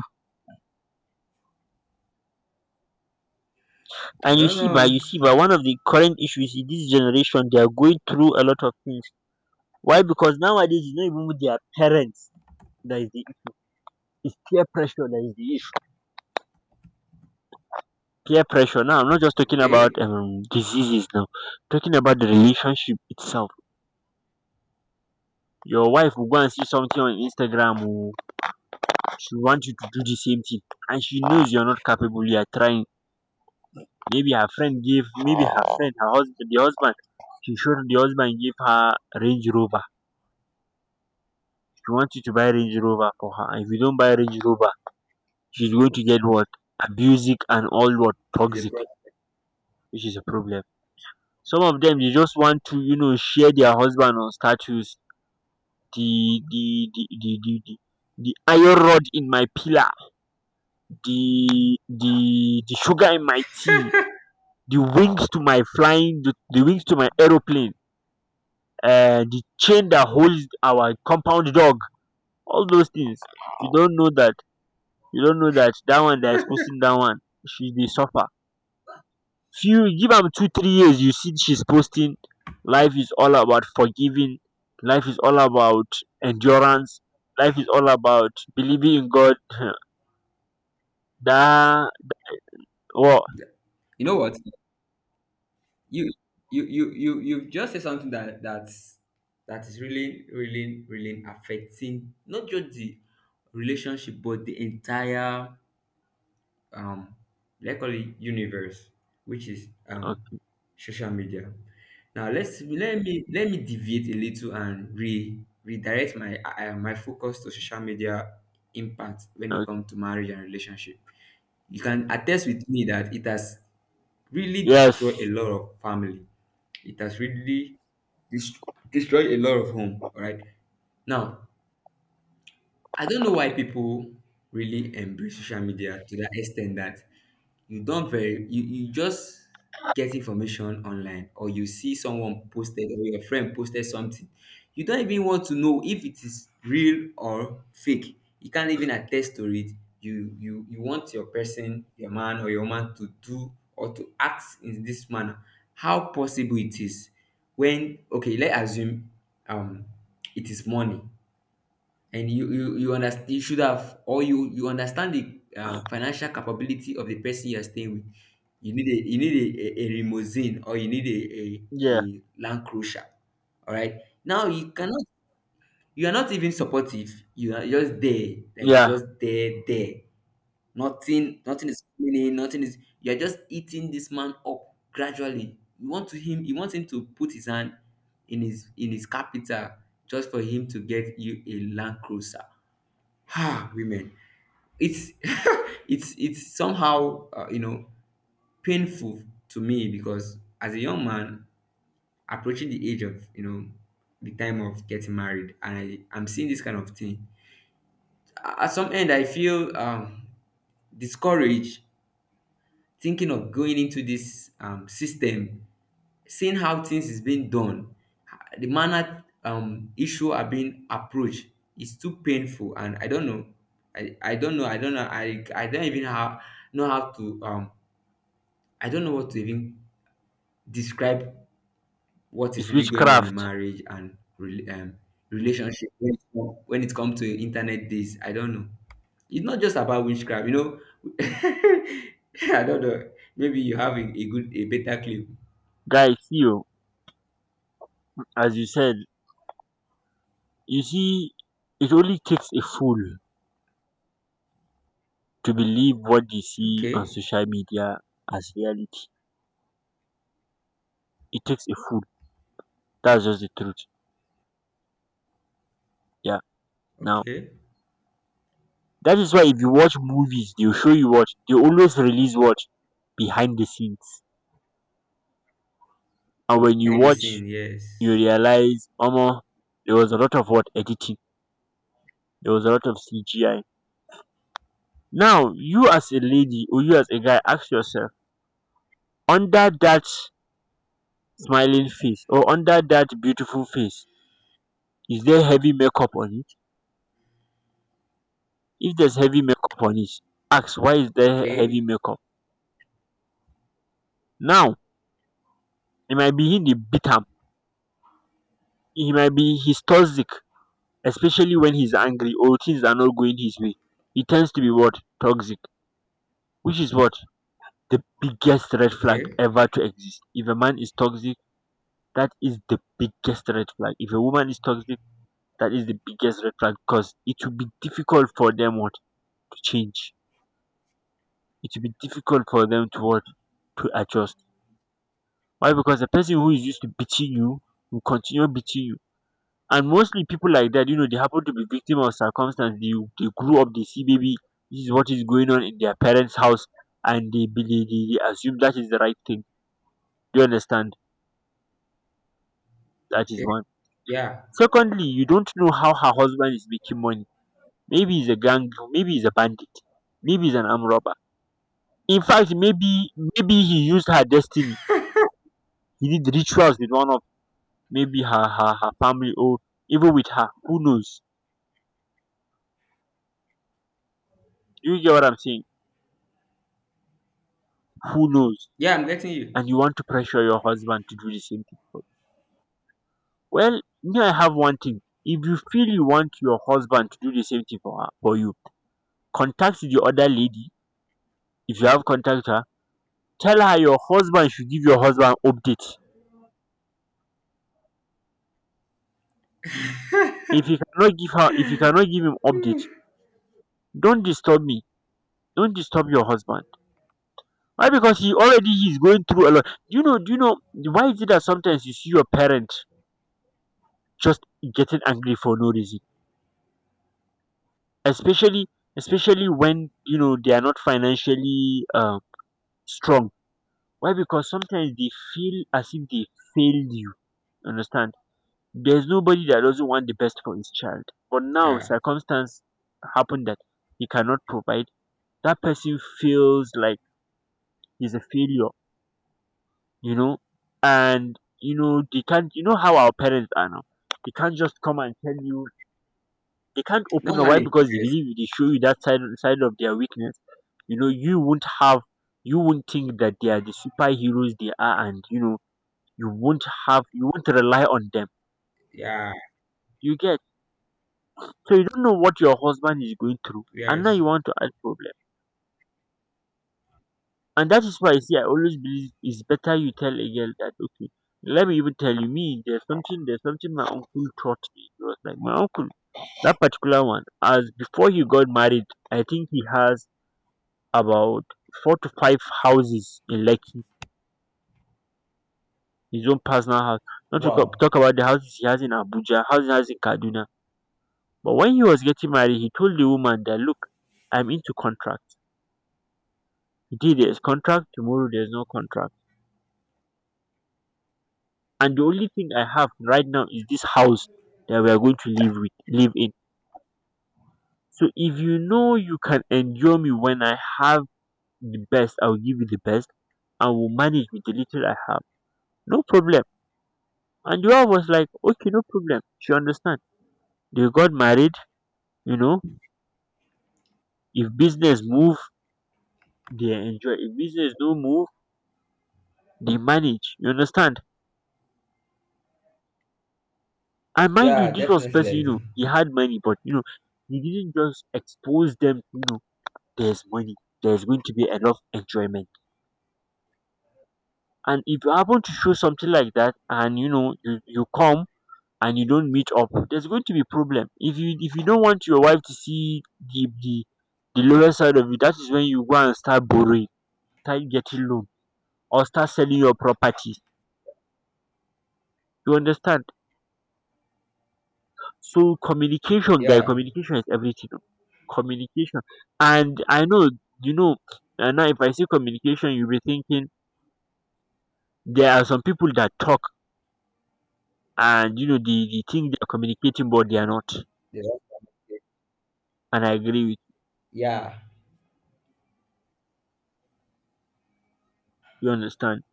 B: I
A: And you
B: don't
A: see by
B: know.
A: you see by one of the current issues in this generation, they are going through a lot of things. Why? Because nowadays it's not even with their parents that is the is peer pressure that is the issue. Peer pressure, now I'm not just talking about
B: Okay.
A: diseases now, I'm talking about the relationship itself. Your wife will go and see something on Instagram, or she want you to do the same thing, and she knows you are not capable, you are trying. Maybe her friend gave— maybe her friend, her husband— the husband— she showed the husband gave her Range Rover. She wanted to buy Range Rover for her. If you don't buy Range Rover, she's going to get what? Abusive and all, what?
B: It's a
A: Toxic,
B: problem.
A: which is a problem. Some of them, they just want to, share their husband on status. The, the, the, the, the, the the iron rod in my pillar, the sugar in my tea, the wings to my flying, the wings to my aeroplane, the chain that holds our compound dog, all those things. you don't know that you don't know that that one that is posting, that one, she dey suffer. Few give am 2 3 years, you see she's posting. Life is all about forgiving, life is all about endurance, life is all about believing in God. <laughs> That one.
B: You know what? you you just say something that that is really, really, really affecting not just the relationship, but the entire um, like, call it universe, which is um, social media. Now let me deviate a little and re redirect my my focus to social media impact when it comes to marriage and relationship. You can attest with me that it has really destroy
A: Yes,
B: a lot of family. It has really dis- destroyed a lot of home. All right. Now, I don't know why people really embrace social media to that extent that you don't very you just get information online, or you see someone posted or your friend posted something. You don't even want to know if it is real or fake. You can't even attest to it. You want your person, your man or your woman to do or to act in this manner. How possible it is when, okay, let's assume um, it is money, and you understand you should have, or you understand the financial capability of the person you are staying with. You need a, you need a limousine, or you need
A: yeah,
B: a land cruiser. All right. Now you cannot, you are not even supportive, you are just there like
A: yeah.
B: just there. Nothing, nothing is coming in, nothing is, you are just eating this man up gradually. You want to him you want him to put his hand in his capital just for him to get you a land cruiser. Ah, women. It's <laughs> it's somehow, you know, painful to me, because as a young man approaching the age of, you know, the time of getting married, and I'm seeing this kind of thing. At some end I feel um, discouraged thinking of going into this system, seeing how things is being done, the manner um, issue are being approached is too painful, and I don't know. I don't know. I don't even how know how to um, I don't know what to even describe what is
A: It's
B: really going on in
A: witchcraft.
B: marriage and relationship when it, when it comes to internet days. I don't know. It's not just about witchcraft, you know. <laughs> I don't know. Maybe you have a good a better clue.
A: Guys. You, as you said, you see, it only takes a fool to believe what they see on
B: Okay.
A: social media as reality. It takes a fool. That's just the truth. Yeah. Now
B: Okay.
A: that is why if you watch movies, they'll show you what they always release, what? Behind the scenes. And when you
B: Behind the
A: watch,
B: scene,
A: you
B: yes.
A: realize, Omo, there was a lot of, what? Editing. There was a lot of CGI. Now you as a lady, or you as a guy, ask yourself: under that smiling face or under that beautiful face, is there heavy makeup on it? If there's heavy makeup on it, ask, why is there heavy
B: Okay,
A: makeup? Now, e might be him dey beat am, e might be he's toxic, especially when he's angry or things are not going his way, he tends to be, what? Toxic. Which is what? The biggest red flag
B: okay,
A: ever to exist. If a man is toxic, that is the biggest red flag. If a woman is toxic, that is the biggest red flag, because it will be difficult for them, what? To change. It will be difficult for them to, what? To adjust. Why? Because the person who is used to beating you will continue beating you. And mostly people like that, they happen to be victim of circumstance. They grew up, they see maybe this is what is going on in their parents' house, and they assume that is the right thing. Do you understand? That is
B: okay.
A: one.
B: Yeah,
A: Secondly, you don't know how her husband is making money. Maybe he's a gang, maybe he's a bandit, maybe he's an arm robber. In fact, maybe he used her destiny. He did rituals with one of— maybe her family, or even with her. Who knows? Do you get what I'm saying? Who knows?
B: yeah, I'm getting you.
A: And you want to pressure your husband to do the same thing for you. Well, me, I have one thing. If you feel you want your husband to do the same thing for, her, for you, contact the other lady. If you have contact her, tell her your husband should give your husband update. If you cannot give her, if you cannot give him update, don't disturb me. Don't disturb your husband. Why? Because he's going through a lot. Do you know? Do you know why is it that sometimes you see your parent just getting angry for no reason? Especially, when you know they are not financially strong. Why? Because sometimes they feel as if they failed you. Understand? There's nobody that doesn't want the best for his child, but now
B: Yeah,
A: circumstance happen that he cannot provide, that person feels like he's a failure you know and they can't— you know how our parents are now, they can't just come and tell you, they can't open up. Why?
B: normally,
A: Because they
B: yes,
A: believe if they show you that side of their weakness, you know, you won't have, you won't think that they are the superheroes they are, and you won't rely on them.
B: yeah,
A: You get. So you don't know what your husband is going through, and now
B: yes.
A: you want to add problem. And that is why I always believe it's better you tell a girl that, okay. Let me even tell you, me, there's something my uncle taught me. It was like my uncle, that particular one, as before he got married, I think he has about 4 to 5 houses in Lekki, his own personal house. Not to
B: Wow.
A: talk about the houses he has in Abuja, houses he has in Kaduna. But when he was getting married, he told the woman that, look, I'm into contract. Today there's contract, tomorrow there's no contract. And the only thing I have right now is this house that we are going to live in. So if you know you can endure me, when I have the best, I'll give you the best, and will manage with the little I have. No problem. And the wife was like, okay, no problem. She understand. They got married. you know if business move, they enjoy; if business don't move, they manage. You understand? And mind you,
B: Yeah,
A: this was
B: definitely
A: person,
B: I do.
A: he had money, but he didn't just expose them. There's money, there's going to be a lot of enjoyment. And if you happen to show something like that, and you come, and you don't meet up, there's going to be problem. If you don't want your wife to see the the the lower side of you, that is when you go and start borrowing, start getting loan, or start selling your property. You understand? So communication, guy,
B: Yeah,
A: communication is everything. Oh. Communication. And I know you know. And now, if I say communication, you'll be thinking there are some people that talk, and they think they're communicating, but they are not.
B: yeah, yeah,
A: And I agree with
B: yeah.
A: you. Understand?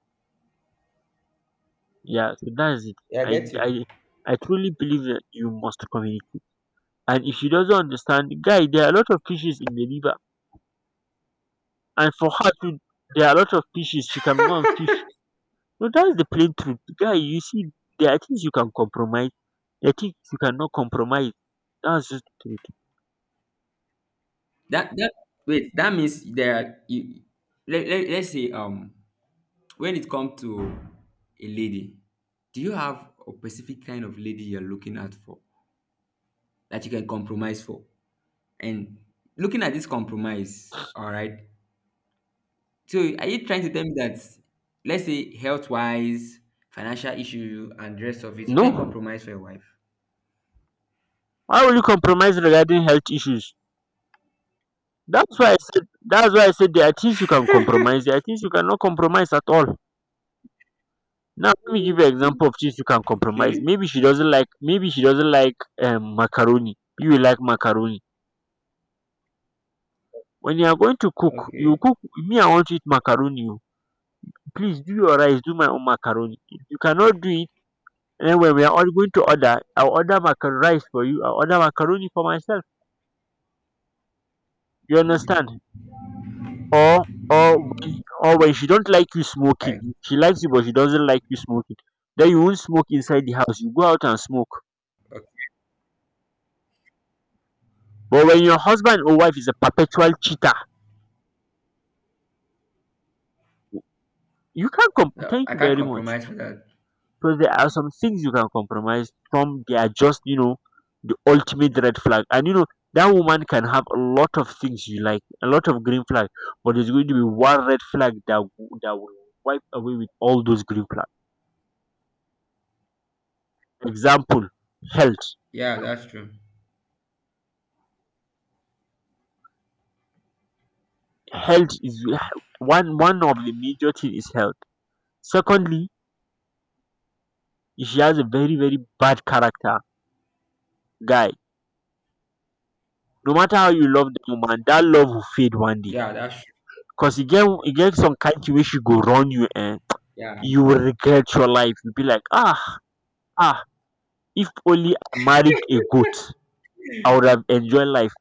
A: Yeah. So that's it.
B: I
A: I
B: get you.
A: I I truly believe that you must communicate. And if she doesn't understand, guy, there are a lot of fishes in the river, and there are a lot of fishes. She can go and fish. No, that's the plain truth. Guy, you see, there are things you can compromise. There are things you cannot compromise. That's just the truth.
B: That, wait, that means there are, you. Let, let's say um, when it comes to a lady, do you have a specific kind of lady you're looking at for that you can compromise for? And looking at this compromise, all right. So are you trying to tell me that, let's say health wise, financial issue, and the rest of it, you can't
A: No.
B: compromise for your wife?
A: Why will you compromise regarding health issues? That's why I said there are things you can compromise. There are things you cannot compromise at all. Now let me give you an example of things you can compromise.
B: Okay,
A: Maybe she doesn't like macaroni. You will like macaroni. When you are going to cook, you
B: okay,
A: cook. Me, I want to eat macaroni. Oh. Please do your rice, do my own macaroni. If you cannot do it, anyway, we are all going to order. I'll order macaroni rice for you. I'll order macaroni for myself. You understand? Or or when, or when she don't like you smoking, she likes you but she doesn't like you smoking. Then you won't smoke inside the house. You go out and smoke.
B: okay.
A: But when your husband or wife is a perpetual cheater, you can't complain.
B: No,
A: Thank
B: I
A: you
B: can't
A: very much.
B: compromise for that.
A: Because there are some things you can compromise. Some they are just the ultimate red flag. And that woman can have a lot of things you like, a lot of green flag, but there's going to be one red flag that that will wipe away with all those green flags. Example: health.
B: Yeah, that's true.
A: Health is one of the major thing is health. Secondly, if she has a very very bad character, guy. No matter how you love the woman, that love will fade one day.
B: Yeah, that's true.
A: Cause you get some kind thing wey she go run you, and
B: Yeah.
A: you will regret your life. You will be like, ah, ah, if only I married a goat, I would have enjoyed life.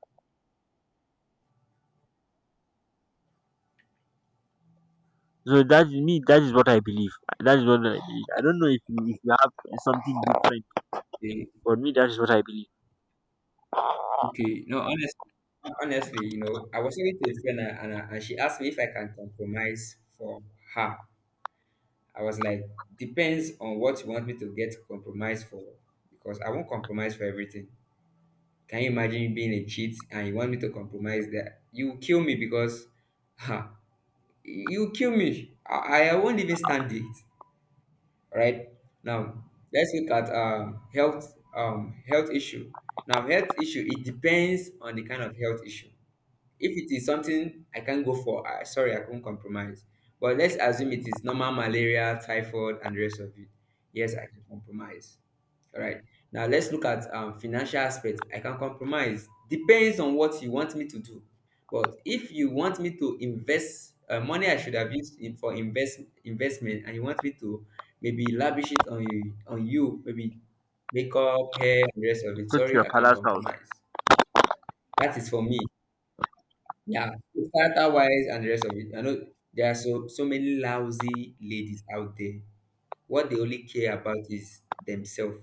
A: So that's me, that is what I believe. That is what I believe. I don't know if you have something different.
B: Okay.
A: But me, that is what I believe.
B: Okay. No, honestly, honestly, you know, I was talking to a friend and she asked me if I can compromise for her. I was like, depends on what you want me to get compromise for, because I won't compromise for everything. Can you imagine me being a cheat and you want me to compromise that? You will kill me because <laughs> ha, you will kill me. I won't even stand it. Right? Now let's look at um, health um, health issue. Now health issue, it depends on the kind of health issue. If it is something I can't go for, I sorry, I can not compromise. But let's assume it is normal malaria, typhoid, and the rest of it. Yes, I can compromise. All right. Now let's look at financial aspect. I can compromise. Depends on what you want me to do. But if you want me to invest money, I should have used in, for investment, and you want me to maybe lavish it on you, maybe makeup, hair, and the rest of it.
A: Go to your
B: Sorry, I can't
A: father's house.
B: compromise. That is for me. Yeah, character wise and the rest of it. I know there are so so many lousy ladies out there. What they only care about is themselves.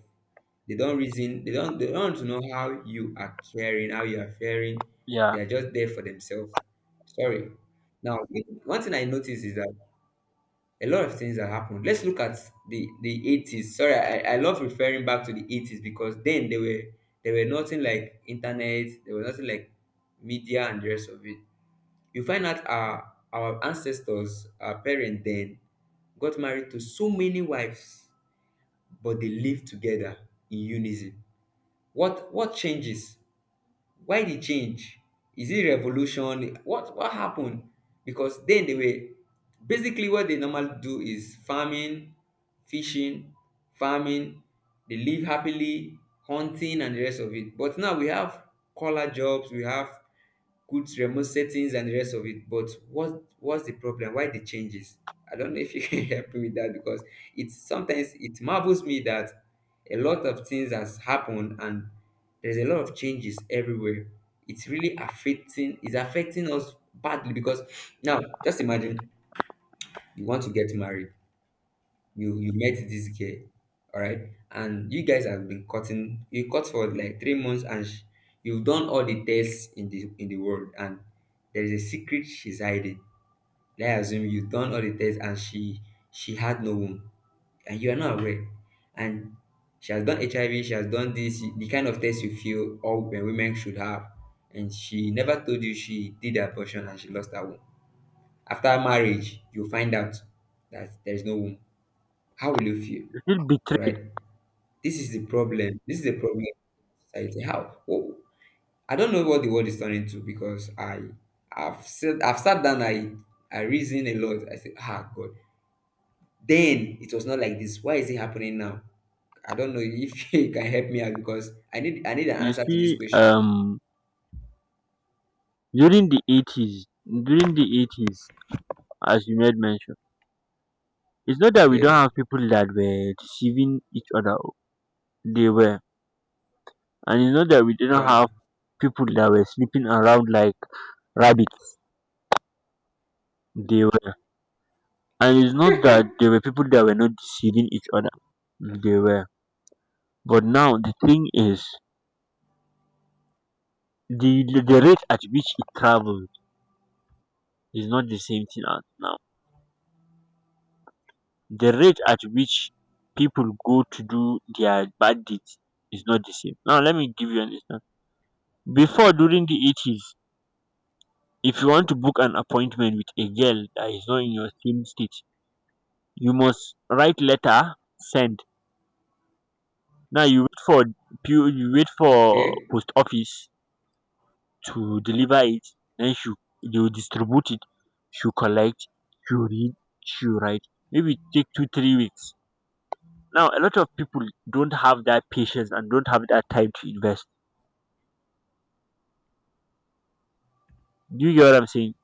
B: They don't reason. They don't. They don't want to know how you are caring, how you are faring.
A: Yeah,
B: They are just there for themselves. Sorry. Now, one thing I noticed is that a lot of things that happened. Let's look at the 80s. Sorry, I love referring back to the 80s, because then they were, there were nothing like internet. There was nothing like media and the rest of it. You find out our ancestors, our parents, then got married to so many wives, but they live together in unison. What changes? Why the change? Is it revolution? What happened? Because then they were basically what they normally do is farming, fishing, farming, they live happily hunting and the rest of it. But now we have collar jobs, we have good remote settings and the rest of it. But what what's the problem? Why the changes? I don't know if you <laughs> can help me with that, because it's sometimes it marvels me that a lot of things has happened, and there's a lot of changes everywhere. It's really affecting, it's affecting us badly, because now just imagine you want to get married, you met this girl, all right, and you guys have been cutting, you cut for like 3 months, and you've done all the tests in the world, and there is a secret she's hiding. Let's assume you've done all the tests, and she had no womb, and you are not aware, and she has done HIV, she has done this, the kind of test you feel all women should have, and she never told you she did abortion and she lost her womb. After marriage you find out that there is no womb. How will you feel?
A: you feel
B: All
A: betrayed.
B: right. This is the problem. This is the problem society. How? Oh, I don't know what the world is turning to, because I've said, I've sat down. I reason a lot. I said, ah, God. Then it was not like this. Why is it happening now? I don't know if <laughs> you can help me out, because I need an
A: You
B: answer to these
A: see,
B: questions.
A: during the 80s, during the 80s, as you made mention, it's not that we don't
B: Okay.
A: have people that were deceiving each other. Oh, they were. And it's not that we didn't
B: Yeah.
A: have people that were sleeping around like rabbits. They were. And it's not that there were people that were not deceiving each other. They were. But now the thing is, the rate at which it traveled is not the same thing as now. The rate at which people go to do their bad deeds is not the same. Now let me give you an example. Before, during the 80s, if you want to book an appointment with a girl that is not in your same state, you must write letter, send. Now you wait for, you wait for
B: Okay.
A: post office to deliver it. Then she, they will distribute it. You collect, you read, you write, maybe it take 2 3 weeks. Now a lot of people don't have that patience and don't have that time to invest. Do you get what I'm saying?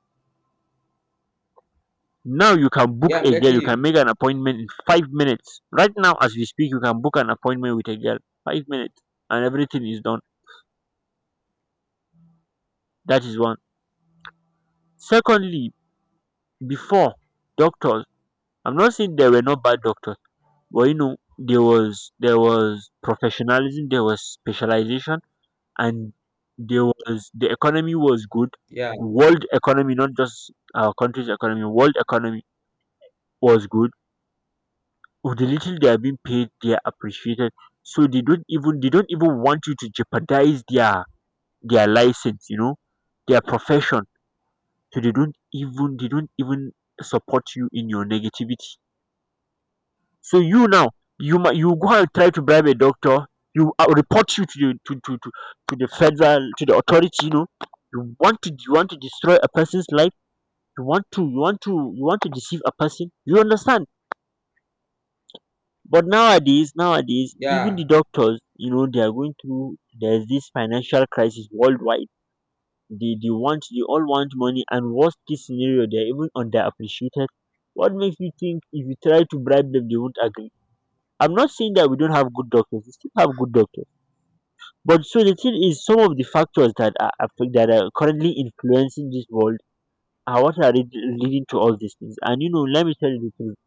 A: Now you can book
B: Yeah, I'm
A: a girl,
B: getting
A: you can
B: you.
A: make an appointment in 5 minutes. Right now as we speak, you can book an appointment with a girl, 5 minutes, and everything is done. That is one. Secondly, before, doctors, I'm not saying there were no bad doctors, but there was professionalism, there was specialization, and there was the economy was good.
B: Yeah.
A: World economy, not just our country's economy, world economy was good. With the little they are being paid, they are appreciated. So they don't even want you to jeopardize their license, their profession. So they don't even support you in your negativity. So you now, you might you go and try to bribe a doctor. You, I will report you to the federal, to the authority. You want to destroy a person's life. You want to deceive a person. You understand? But nowadays, nowadays, even
B: Yeah.
A: the doctors, you know, they are going through. There's this financial crisis worldwide. They all want money, and worst case scenario, they're even underappreciated. What makes you think if you try to bribe them, they won't agree? I'm not saying that we don't have good doctors. We still have good doctors. But so the thing is, some of the factors that are that are currently influencing this world are what are leading to all these things. And let me tell you the truth.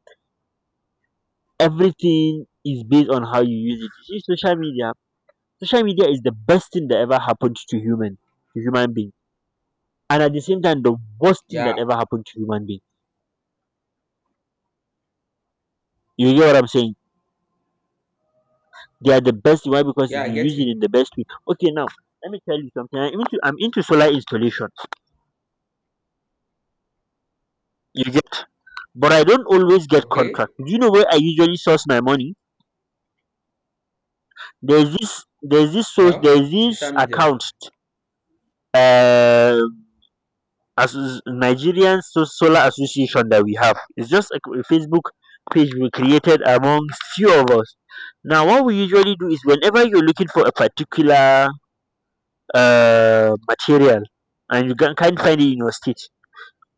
A: Everything is based on how you use it. You see, social media. Social media is the best thing that ever happened to human being, and at the same time, the worst thing
B: Yeah.
A: that ever happened to human being. You get what I'm saying? They are the best. Why? Because
B: Yeah,
A: if
B: I
A: you
B: get
A: use it in
B: you.
A: the best way. Okay, now let me tell you something. I'm into solar installation. You get, but I don't always get contract.
B: Okay.
A: Do you know where I usually source my money? There's this source,
B: No.
A: there's this
B: Social media.
A: account, uh as Nigerian Solar Association that we have. It's just a Facebook page we created among few of us. Now what we usually do is whenever you're looking for a particular material and you can't find it in your state,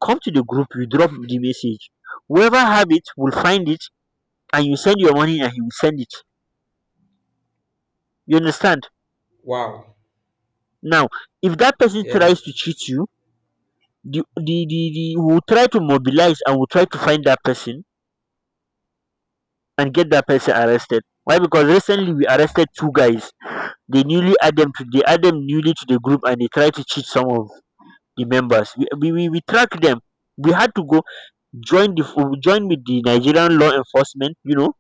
A: come to the group, you drop the message. Whoever have it will find it, and you send your money and he will send it. You understand?
B: Wow.
A: Now, if that person tries
B: Yes.
A: to cheat you, the will try to mobilize and will try to find that person and get that person arrested. Why? Because recently we arrested two guys. They add them newly to the group and they try to cheat some of the members. We track them. We had to go join the join with the Nigerian law enforcement.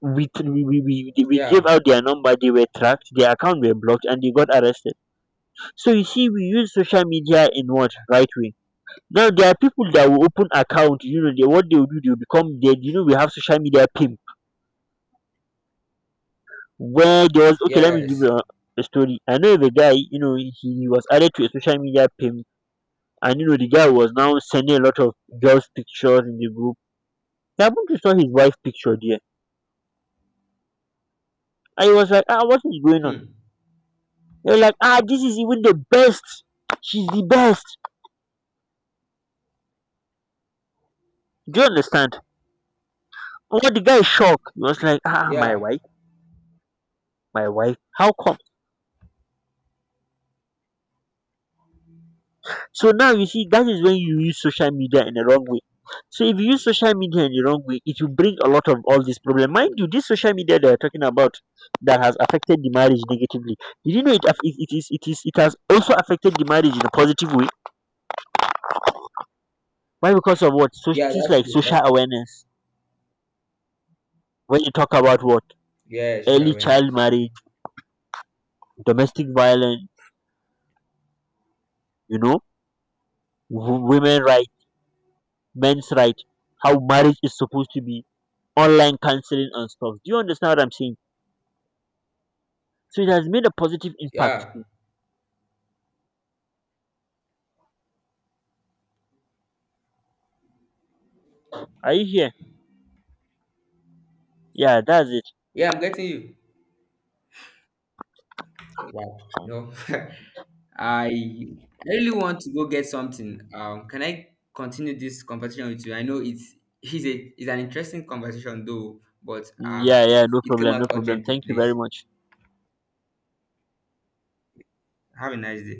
A: we we we we gave
B: Yeah.
A: out their number. They were tracked. Their account were blocked and they got arrested. So you see, we use social media in what right way. Now there are people that will open account, they what they will do, they will become dead. We have social media pimp where there was okay, let me give you
B: Yes.
A: a story. I know of a guy, he was added to a social media pimp, and the guy was now sending a lot of girls' pictures in the group. He happened to saw his wife's picture there. And he was like, ah, what is going on?
B: Hmm.
A: They were like, ah, this is even the best. She's the best. Do you understand? Oh, the guy is shocked. He was like, ah,
B: Yeah.
A: my wife, how come? So now you see, that is when you use social media in the wrong way. So if you use social media in the wrong way, it will bring a lot of all this problem. Mind you, this social media they are talking about that has affected the marriage negatively. Did you know it? It is. It is. It has also affected the marriage in a positive way. Why? Because of what? So
B: Yeah,
A: things
B: that's
A: like
B: true. Huh?
A: social awareness. When you talk about what
B: Yeah, social
A: early
B: awareness.
A: child marriage, domestic violence, you know, women right, men's right, how marriage is supposed to be, online counseling and stuff. Do you understand what I'm saying? So it has made a positive impact
B: Yeah.
A: too. Are you here? Yeah, that's it.
B: Yeah, I'm getting you. Wow. You know, <laughs> I really want to go get something. Can I continue this conversation with you? I know it's a it's an interesting conversation though, but
A: Mm,
B: um,
A: yeah,
B: it,
A: yeah, no
B: it came
A: problem, no
B: out
A: problem.
B: urgently,
A: Thank you very
B: please.
A: much.
B: Have a nice day.